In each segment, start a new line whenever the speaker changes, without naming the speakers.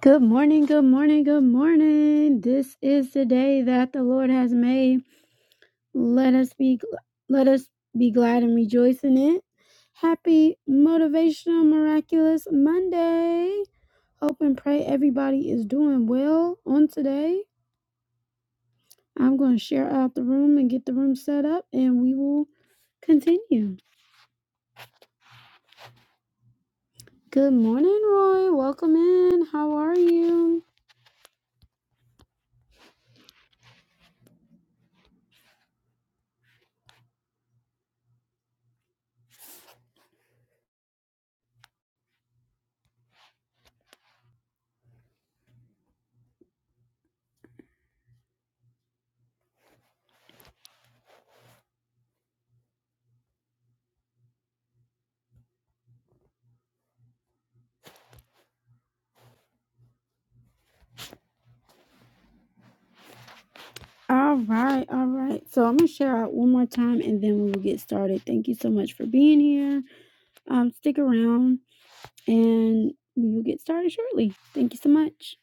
Good morning, good morning, good morning. This is the day that the Lord has made. Let us be let us be glad and rejoice in it. Happy motivational miraculous Monday. Hope and pray everybody is doing well on today. I'm going to share out the room and get the room set up and we will continue. Good morning, Roy. Welcome in. How are you? All right, all right. So I'm gonna share out one more time, and then we will get started. Thank you so much for being here. Um, stick around, and we will get started shortly. Thank you so much.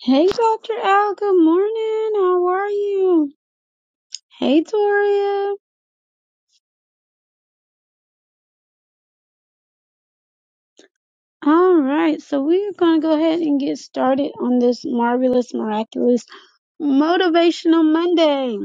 Hey, Doctor Al. Good morning. How are you? Hey, Toria. All right. So we are gonna go ahead and get started on this marvelous, miraculous, motivational Monday.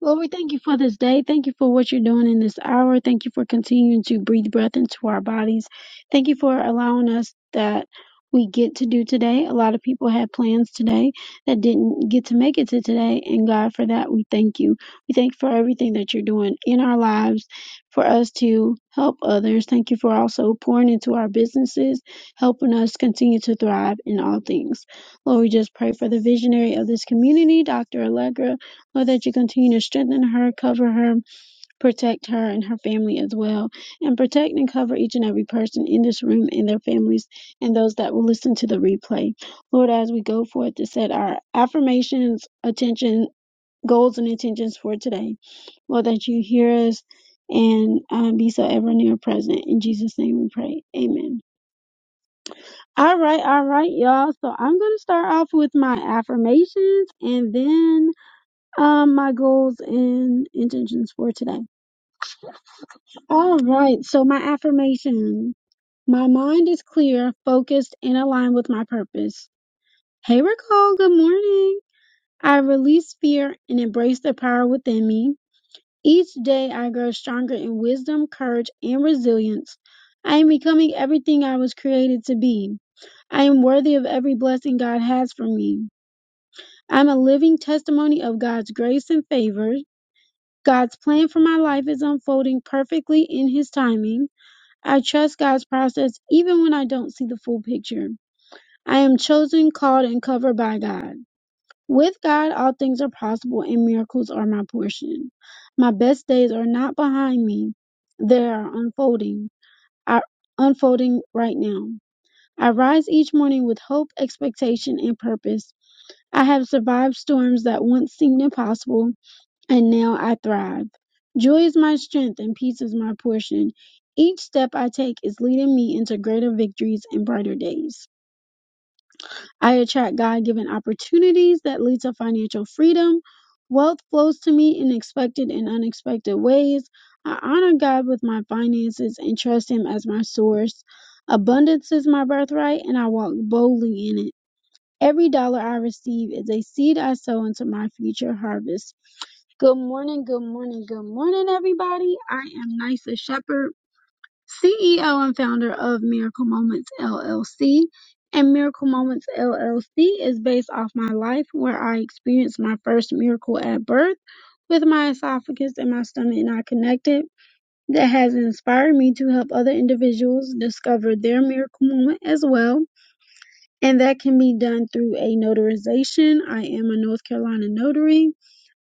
Lord, we thank you for this day. Thank you for what you're doing in this hour. Thank you for continuing to breathe breath into our bodies. Thank you for allowing us that we get to do today. A lot of people had plans today that didn't get to make it to today. And God, for that, we thank you. We thank you for everything that you're doing in our lives for us to help others. Thank you for also pouring into our businesses, helping us continue to thrive in all things. Lord, we just pray for the visionary of this community, Dr. Allegra. Lord, that you continue to strengthen her, cover her, protect her and her family as well, and protect and cover each and every person in this room and their families and those that will listen to the replay. Lord, as we go forth to set our affirmations, attention, goals, and intentions for today, Lord, that you hear us and um, be so ever near present. In Jesus' name we pray. Amen. All right, all right, y'all. So I'm going to start off with my affirmations and then um, my goals and intentions for today. All right. So my affirmation. My mind is clear, focused, and aligned with my purpose. Hey, Raquel. Good morning. I release fear and embrace the power within me. Each day I grow stronger in wisdom, courage, and resilience. I am becoming everything I was created to be. I am worthy of every blessing God has for me. I'm a living testimony of God's grace and favor. God's plan for my life is unfolding perfectly in His timing. I trust God's process even when I don't see the full picture. I am chosen, called, and covered by God. With God, all things are possible and miracles are my portion. My best days are not behind me. They are unfolding, are unfolding right now. I rise each morning with hope, expectation, and purpose. I have survived storms that once seemed impossible and now I thrive. Joy is my strength and peace is my portion. Each step I take is leading me into greater victories and brighter days. I attract God given opportunities that lead to financial freedom. Wealth flows to me in expected and unexpected ways. I honor God with my finances and trust Him as my source. Abundance is my birthright, and I walk boldly in it. Every dollar I receive is a seed I sow into my future harvest. Good morning, good morning, good morning, everybody. I am Nysa Shepherd, CEO and founder of Miracle Moments LLC. And Miracle Moments LLC is based off my life where I experienced my first miracle at birth with my esophagus and my stomach not connected. That has inspired me to help other individuals discover their miracle moment as well. And that can be done through a notarization. I am a North Carolina notary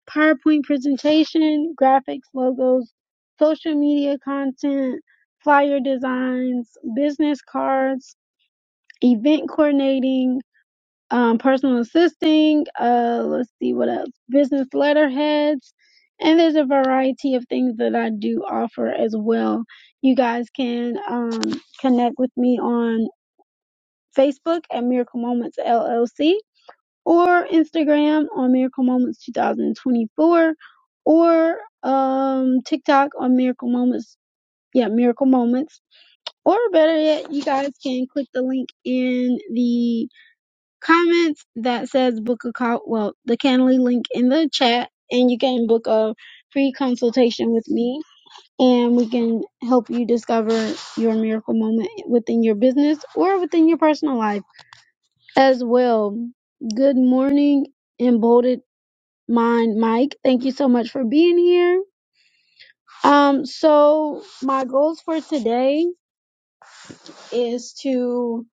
PowerPoint presentation, graphics, logos, social media content, flyer designs, business cards, event coordinating, um, personal assisting, uh, let's see what else, business letterheads, and there's a variety of things that I do offer as well. You guys can um, connect with me on Facebook at Miracle Moments LLC or Instagram on Miracle Moments 2024 or um, TikTok on Miracle Moments. Yeah, Miracle Moments. Or better yet, you guys can click the link in the comments that says book a call. Well, the Canley link in the chat, and you can book a free consultation with me, and we can help you discover your miracle moment within your business or within your personal life as well. Good morning, emboldened mine, Mike. Thank you so much for being here. Um, so my goals for today is to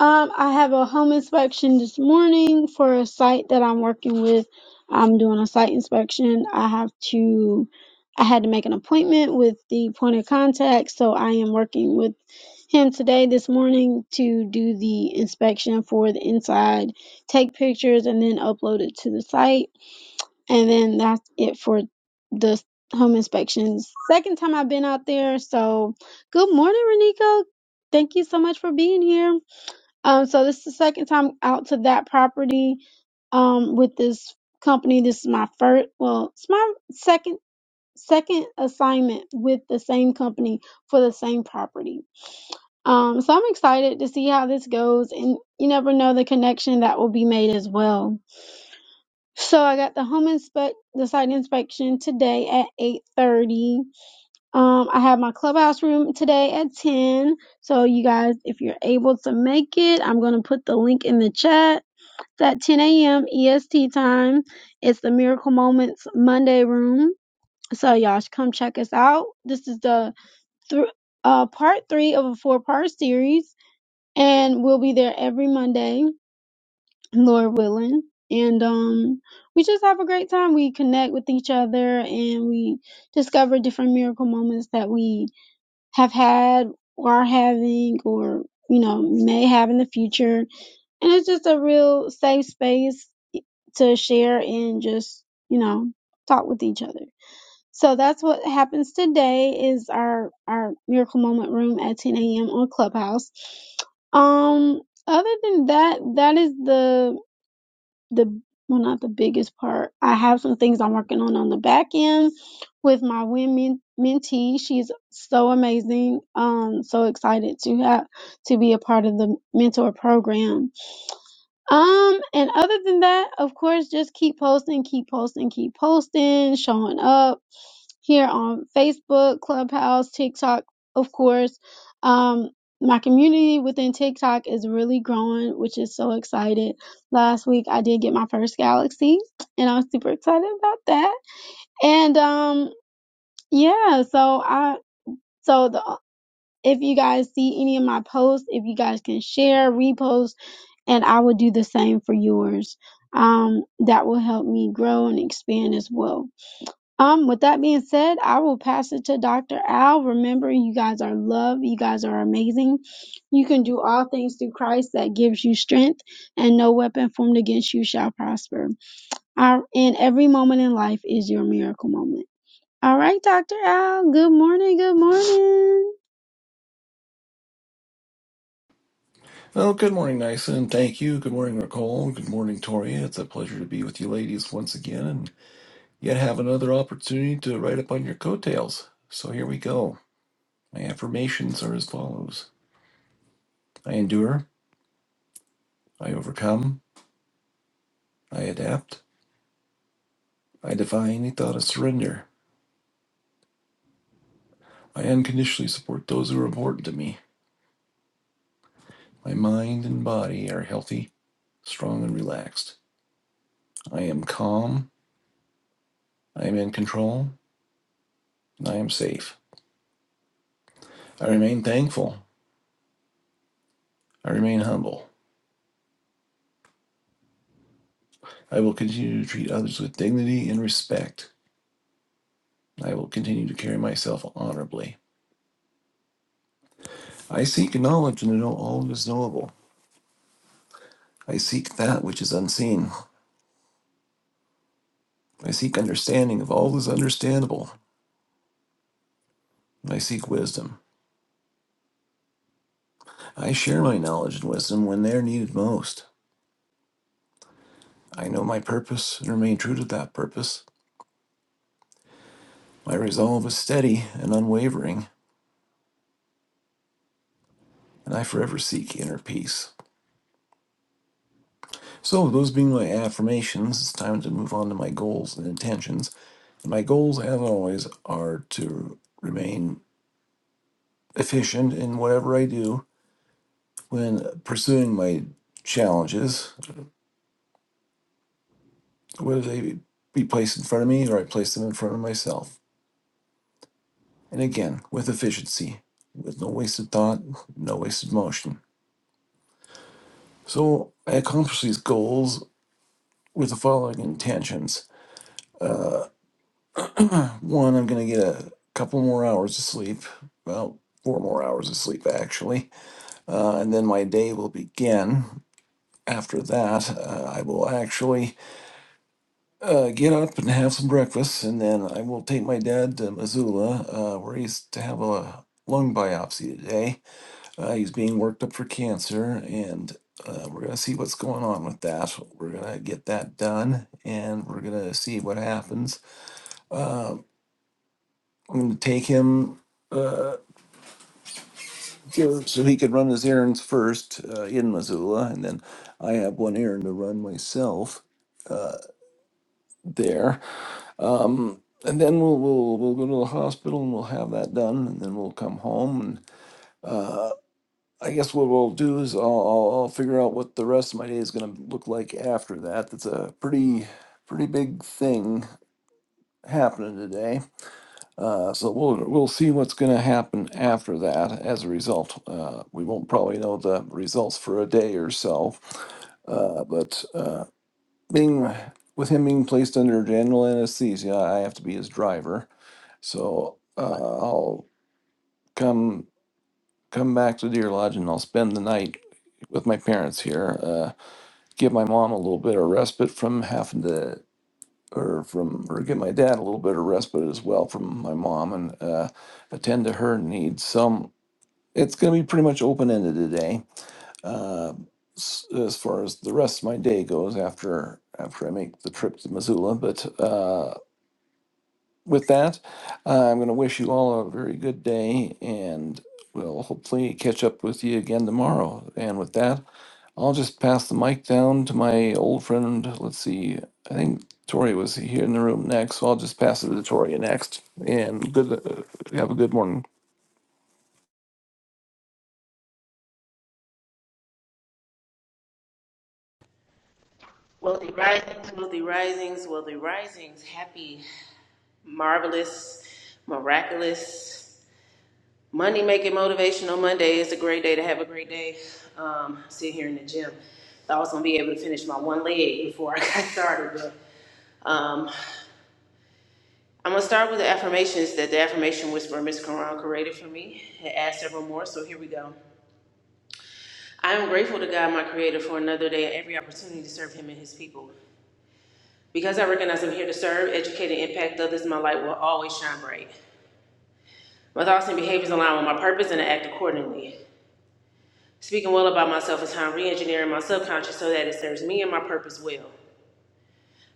um I have a home inspection this morning for a site that I'm working with. I'm doing a site inspection. I have to I had to make an appointment with the point of contact, so I am working with him today this morning to do the inspection for the inside, take pictures and then upload it to the site. And then that's it for the home inspections. Second time I've been out there. So good morning, Renico. Thank you so much for being here. Um, so this is the second time out to that property um with this company. This is my first well, it's my second second assignment with the same company for the same property. Um, so I'm excited to see how this goes and you never know the connection that will be made as well. So I got the home inspect the site inspection today at 8:30. Um I have my clubhouse room today at 10. So you guys if you're able to make it, I'm going to put the link in the chat. It's at 10 a.m. EST time. It's the Miracle Moments Monday room. So y'all should come check us out. This is the thr uh part 3 of a four-part series and we'll be there every Monday. Lord willing. And um, we just have a great time. We connect with each other and we discover different miracle moments that we have had or are having or, you know, may have in the future. And it's just a real safe space to share and just, you know, talk with each other. So that's what happens today is our, our miracle moment room at 10 a.m. on Clubhouse. Um, other than that, that is the the well not the biggest part i have some things i'm working on on the back end with my women mentee she's so amazing um so excited to have to be a part of the mentor program um and other than that of course just keep posting keep posting keep posting showing up here on Facebook, Clubhouse, TikTok, of course. Um, my community within TikTok is really growing, which is so excited. Last week I did get my first Galaxy, and I'm super excited about that. And um, yeah, so I so the if you guys see any of my posts, if you guys can share, repost, and I will do the same for yours. Um, that will help me grow and expand as well. Um, with that being said, I will pass it to Dr. Al. Remember, you guys are loved. You guys are amazing. You can do all things through Christ that gives you strength, and no weapon formed against you shall prosper. Our, and every moment in life is your miracle moment. All right, Dr. Al. Good morning. Good morning.
Well, good morning, Nysa, thank you. Good morning, Nicole. Good morning, Toria. It's a pleasure to be with you ladies once again and yet have another opportunity to write up on your coattails. So here we go. My affirmations are as follows I endure, I overcome, I adapt, I defy any thought of surrender. I unconditionally support those who are important to me. My mind and body are healthy, strong, and relaxed. I am calm, I am in control, and I am safe. I remain thankful, I remain humble. I will continue to treat others with dignity and respect. I will continue to carry myself honorably. I seek knowledge and to know all that is knowable. I seek that which is unseen. I seek understanding of all that is understandable. I seek wisdom. I share my knowledge and wisdom when they are needed most. I know my purpose and remain true to that purpose. My resolve is steady and unwavering, and I forever seek inner peace. So, those being my affirmations, it's time to move on to my goals and intentions. And my goals, as always, are to remain efficient in whatever I do when pursuing my challenges, whether they be placed in front of me or I place them in front of myself. And again, with efficiency, with no wasted thought, no wasted motion. So, I accomplish these goals with the following intentions. One, I'm going to get a couple more hours of sleep, well, four more hours of sleep actually, uh, and then my day will begin. After that, uh, I will actually uh, get up and have some breakfast, and then I will take my dad to Missoula, uh, where he's to have a lung biopsy today. Uh, he's being worked up for cancer, and uh, we're going to see what's going on with that. We're going to get that done, and we're going to see what happens. I'm going to take him. Uh, Sure. So he could run his errands first uh, in Missoula, and then I have one errand to run myself uh, there. Um, and then we'll, we'll we'll go to the hospital and we'll have that done, and then we'll come home. And uh, I guess what we'll do is I'll, I'll, I'll figure out what the rest of my day is going to look like after that. That's a pretty pretty big thing happening today. Uh, so we'll we'll see what's going to happen after that. As a result, uh, we won't probably know the results for a day or so. Uh, but uh, being with him being placed under general anesthesia, I have to be his driver. So uh, I'll come come back to Deer Lodge and I'll spend the night with my parents here. Uh, give my mom a little bit of respite from having to or from or give my dad a little bit of respite as well from my mom and uh, attend to her needs. Some it's going to be pretty much open ended today uh, s- as far as the rest of my day goes after after I make the trip to Missoula. But uh, with that, uh, I'm going to wish you all a very good day and we'll hopefully catch up with you again tomorrow. And with that, I'll just pass the mic down to my old friend. Let's see, I think Tori was here in the room next, so I'll just pass it to Tori next. And good, uh, have a good morning.
Wealthy risings, wealthy risings, wealthy risings. Happy, marvelous, miraculous. money making motivational Monday It's a great day to have a great day. Um, sitting here in the gym. Thought I was gonna be able to finish my one leg before I got started, but um, I'm gonna start with the affirmations that the affirmation whisperer Miss Quran created for me. It asked several more, so here we go. I am grateful to God, my Creator, for another day and every opportunity to serve Him and His people. Because I recognize I'm here to serve, educate, and impact others, my light will always shine bright. My thoughts and behaviors align with my purpose, and I act accordingly. Speaking well about myself is how I'm re-engineering my subconscious so that it serves me and my purpose well.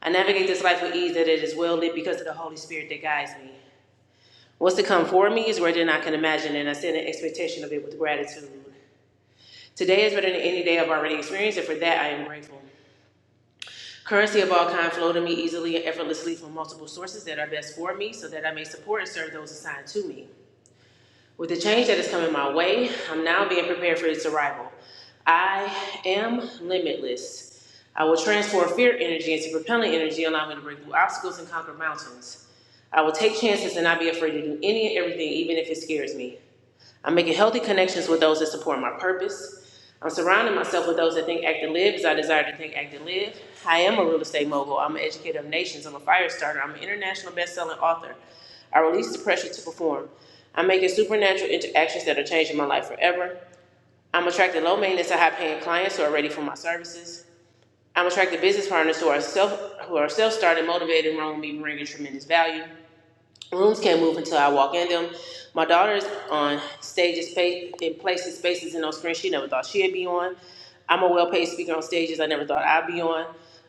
I navigate this life with ease, that it is well lit because of the Holy Spirit that guides me. What's to come for me is greater than I can imagine, and I set an expectation of it with gratitude. Today is better than any day I've already experienced, and for that I am grateful. Currency of all kind flow to me easily and effortlessly from multiple sources that are best for me so that I may support and serve those assigned to me. With the change that is coming my way, I'm now being prepared for its arrival. I am limitless. I will transform fear energy into propelling energy, allowing me to break through obstacles and conquer mountains. I will take chances and not be afraid to do any and everything, even if it scares me. I'm making healthy connections with those that support my purpose. I'm surrounding myself with those that think, act, and live as I desire to think, act, and live. I am a real estate mogul. I'm an educator of nations. I'm a fire starter. I'm an international best-selling author. I release the pressure to perform. I'm making supernatural interactions that are changing my life forever. I'm attracting low maintenance and high paying clients who are ready for my services. I'm attracting business partners who are self who are self started, motivated, and run with me, bringing tremendous value. Rooms can't move until I walk in them. My daughter's on stages, pa- in places, spaces, and on screens she never thought she'd be on. I'm a well-paid speaker on stages I never thought I'd be on.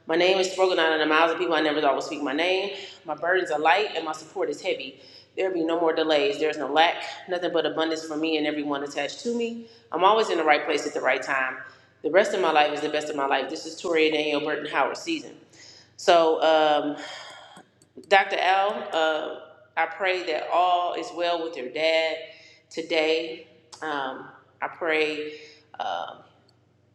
My name is spoken out in the mouths of people I never thought would speak my name. My burdens are light and my support is heavy. There be no more delays. There's no lack, nothing but abundance for me and everyone attached to me. I'm always in the right place at the right time. The rest of my life is the best of my life. This is Toria Danielle Burton Howard season. So um, Dr. Al, uh, I pray that all is well with your dad today. Um, I pray um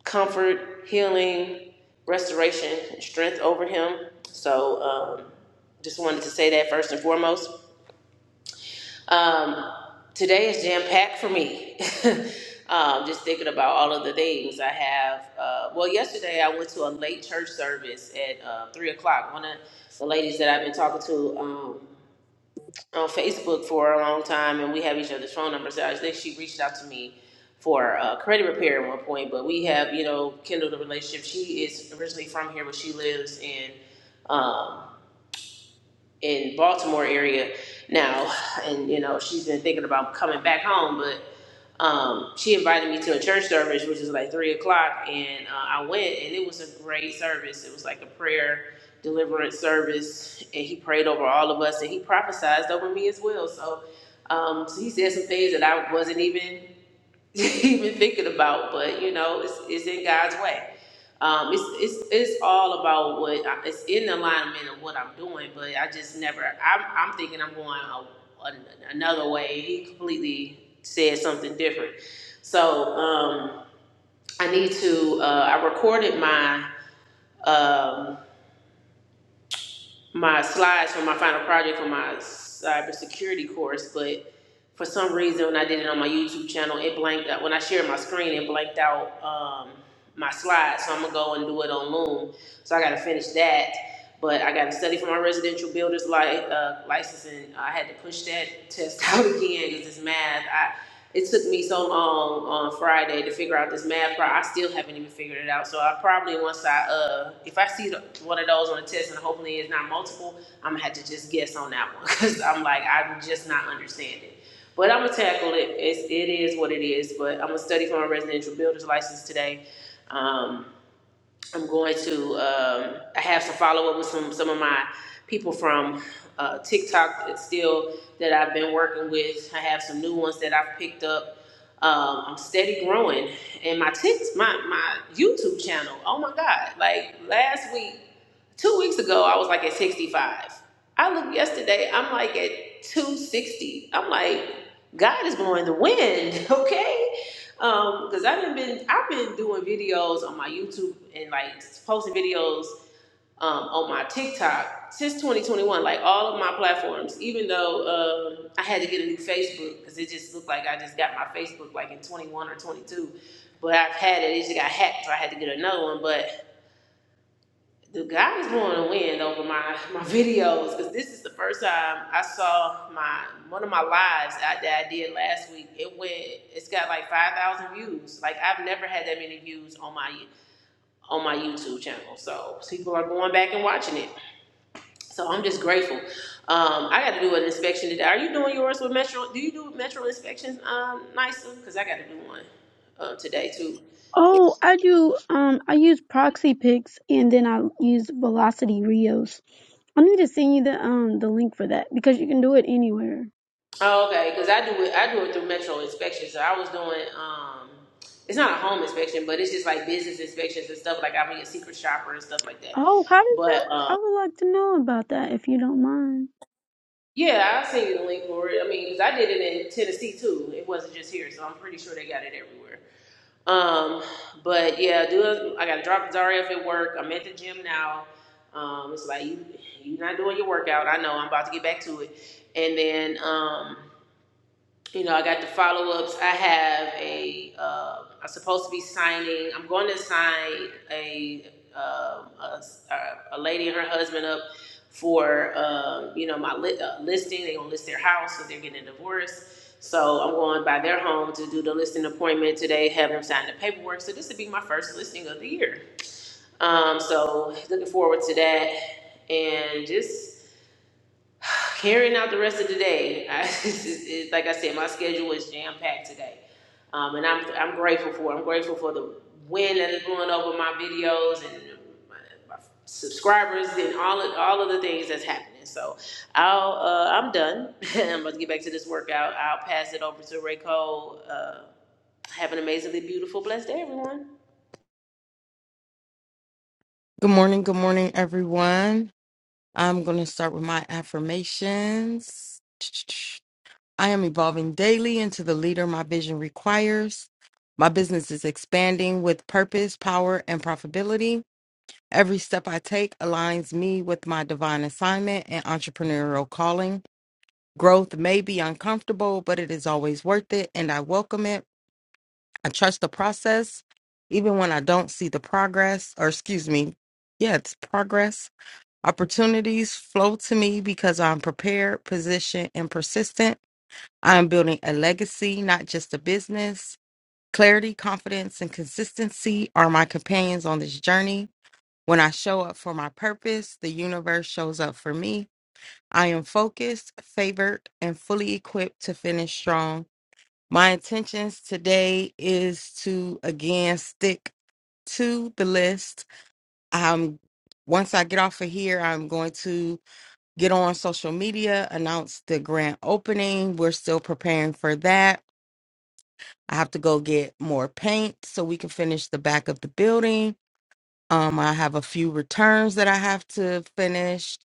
comfort, healing, restoration, and strength over him. So um, just wanted to say that first and foremost. Um, today is jam packed for me. um, just thinking about all of the things I have. Uh, well, yesterday I went to a late church service at uh, 3 o'clock. One of the ladies that I've been talking to. um, on Facebook for a long time, and we have each other's phone numbers. I think she reached out to me for uh, credit repair at one point, but we have, you know, kindled a relationship. She is originally from here, but she lives in um, in Baltimore area now, and you know, she's been thinking about coming back home, but um, she invited me to a church service, which is like three o'clock, and uh, I went, and it was a great service. It was like a prayer deliverance service, and he prayed over all of us, and he prophesied over me as well. So, um, so he said some things that I wasn't even even thinking about, but you know, it's, it's in God's way. Um, it's, it's, it's all about what I, it's in alignment of what I'm doing, but I just never, I'm, I'm thinking I'm going a, an another way. He completely said something different. So, um, I need to, uh, I recorded my, um, my slides for my final project for my cybersecurity course, but for some reason when I did it on my YouTube channel, it blanked out. When I shared my screen, it blanked out um, my slides. So I'm gonna go and do it on Loom. So I gotta finish that. But I gotta study for my residential builder's li- uh, license, and I had to push that test out again because it's math. It took me so long on Friday to figure out this math problem. I still haven't even figured it out. So I probably once I uh, if I see the, one of those on the test and hopefully it's not multiple, I'm gonna have to just guess on that one because I'm like I'm just not understanding. But I'm gonna tackle it. It's, it is what it is. But I'm gonna study for my residential builder's license today. Um, I'm going to. Um, I have some follow up with some some of my people from uh, TikTok that still that I've been working with. I have some new ones that I've picked up. Um, I'm steady growing, and my tics, my my YouTube channel. Oh my God! Like last week. Two weeks ago, I was like at 65. I looked yesterday, I'm like at 260. I'm like, God is blowing the wind, okay? Um, because I've been, been I've been doing videos on my YouTube and like posting videos um, on my TikTok since 2021, like all of my platforms. Even though um, I had to get a new Facebook because it just looked like I just got my Facebook like in 21 or 22, but I've had it. It just got hacked, so I had to get another one. But the God is blowing a wind over my my videos because this is the first time I saw my one of my lives I, that I did last week. It went, it's got like five thousand views. Like I've never had that many views on my on my YouTube channel. So people are going back and watching it. So I'm just grateful. Um, I got to do an inspection today. Are you doing yours with Metro? Do you do Metro inspections, um, Nysa? Because I got to do one uh, today too.
Oh, I do. Um, I use Proxy Picks, and then I use Velocity Rios. I need to send you the um the link for that because you can do it anywhere.
Oh, okay, because I do it. I do it through Metro inspection. So I was doing. um It's not a home inspection, but it's just like business inspections and stuff. Like I mean, a secret shopper and stuff like that.
Oh, how did that?
But
I
um
would like to know about that if you don't mind.
yeah, I send you the link for it. I mean, 'cause I did it in Tennessee too. It wasn't just here, so I'm pretty sure they got it everywhere. Um, but yeah, do I got to drop Zaref at work? I'm at the gym now. Um, it's like you, you're not doing your workout. I know. I'm about to get back to it, and then. um you know, I got the follow ups. I have a, um, I'm supposed to be signing, I'm going to sign a, um, a, s- a- a lady and her husband up for, um, you know, my li- uh, listing. They're going to list their house because they're getting a divorce. So I'm going by their home to do the listing appointment today, have them sign the paperwork. So this would be my first listing of the year. Um, so looking forward to that and just carrying out the rest of the day. I, it's, it's, like I said, my schedule is jam packed today, um, and I'm I'm grateful for. it. I'm grateful for the wind that is blowing over my videos and my, my subscribers and all of, all of the things that's happening. So I'll uh, I'm done. I'm about to get back to this workout. I'll pass it over to Ray Cole. Uh, have an amazingly beautiful, blessed day, everyone.
Good morning, good morning, everyone. I'm going to start with my affirmations. I am evolving daily into the leader my vision requires. My business is expanding with purpose, power, and profitability. Every step I take aligns me with my divine assignment and entrepreneurial calling. Growth may be uncomfortable, but it is always worth it, and I welcome it. I trust the process, even when I don't see the progress, or excuse me, yeah, it's progress. Opportunities flow to me because I'm prepared, positioned, and persistent. I am building a legacy, not just a business. Clarity, confidence, and consistency are my companions on this journey. When I show up for my purpose, the universe shows up for me. I am focused, favored, and fully equipped to finish strong. My intentions today is to again stick to the list. I'm once I get off of here, I'm going to get on social media, announce the grand opening. We're still preparing for that. I have to go get more paint so we can finish the back of the building. Um, I have a few returns that I have to finish.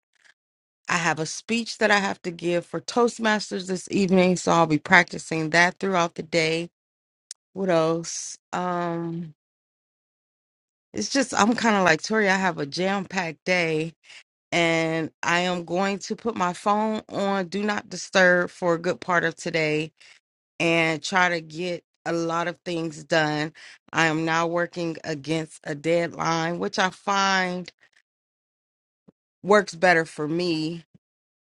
I have a speech that I have to give for Toastmasters this evening, so I'll be practicing that throughout the day. What else? Um, it's just I'm kind of like Tori. I have a jam-packed day, and I am going to put my phone on do not disturb for a good part of today and try to get a lot of things done. I am now working against a deadline, which I find works better for me.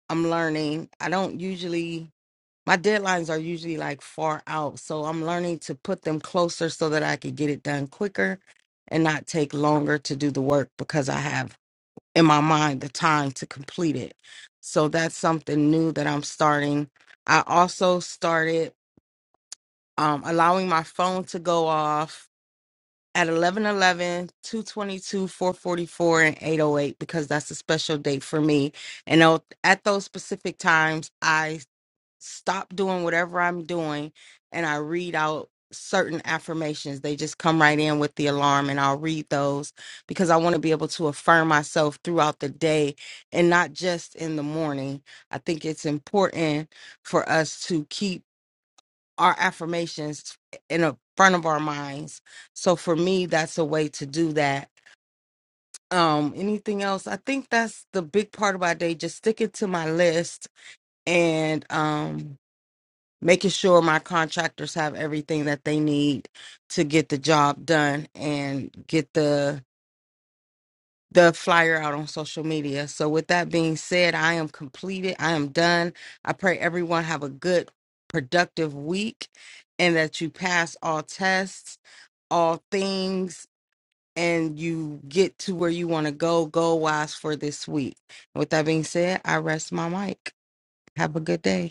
I'm learning. I don't usually, my deadlines are usually like far out. So I'm learning to put them closer so that I can get it done quicker and not take longer to do the work because I have in my mind the time to complete it. So that's something new that I'm starting. I also started um, allowing my phone to go off at eleven, eleven, two 11 222 444 and 808 because that's a special date for me and I'll- at those specific times i stop doing whatever i'm doing and i read out certain affirmations they just come right in with the alarm and i'll read those because i want to be able to affirm myself throughout the day and not just in the morning i think it's important for us to keep our affirmations in a front of our minds. So for me, that's a way to do that. Um, anything else? I think that's the big part of my day. Just sticking to my list and um making sure my contractors have everything that they need to get the job done and get the the flyer out on social media. So with that being said, I am completed. I am done. I pray everyone have a good productive week and that you pass all tests all things and you get to where you want to go, go wise for this week. With that being said, I rest my mic. Have a good day.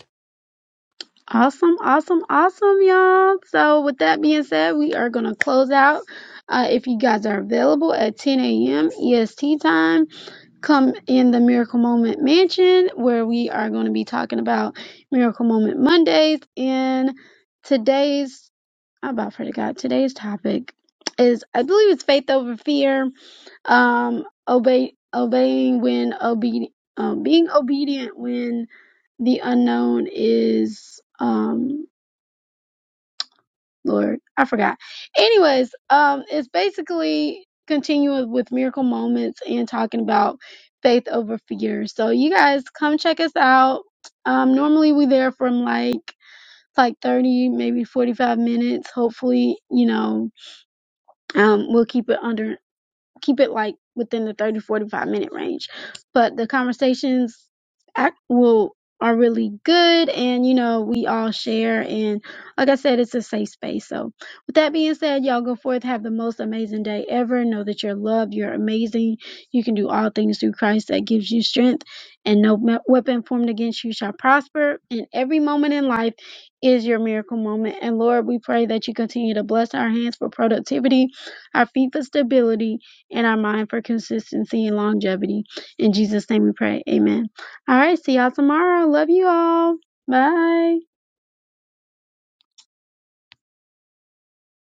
Awesome, awesome, awesome, y'all. So, with that being said, we are going to close out. Uh, if you guys are available at 10 a.m. EST time, come in the Miracle Moment Mansion where we are going to be talking about Miracle Moment Mondays. And today's, I about forgot, today's topic is, I believe it's faith over fear um obey obeying when obe um, being obedient when the unknown is um lord i forgot anyways um it's basically continuing with miracle moments and talking about faith over fear so you guys come check us out um normally we there from like like 30 maybe 45 minutes hopefully you know um we'll keep it under keep it like within the 30 45 minute range but the conversations act will are really good and you know we all share and like i said it's a safe space so with that being said y'all go forth have the most amazing day ever know that you're loved you're amazing you can do all things through christ that gives you strength and no me- weapon formed against you shall prosper and every moment in life is your miracle moment and lord we pray that you continue to bless our hands for productivity our feet for stability in our mind for consistency and longevity. In Jesus' name we pray. Amen. All right. See y'all tomorrow. Love you all. Bye.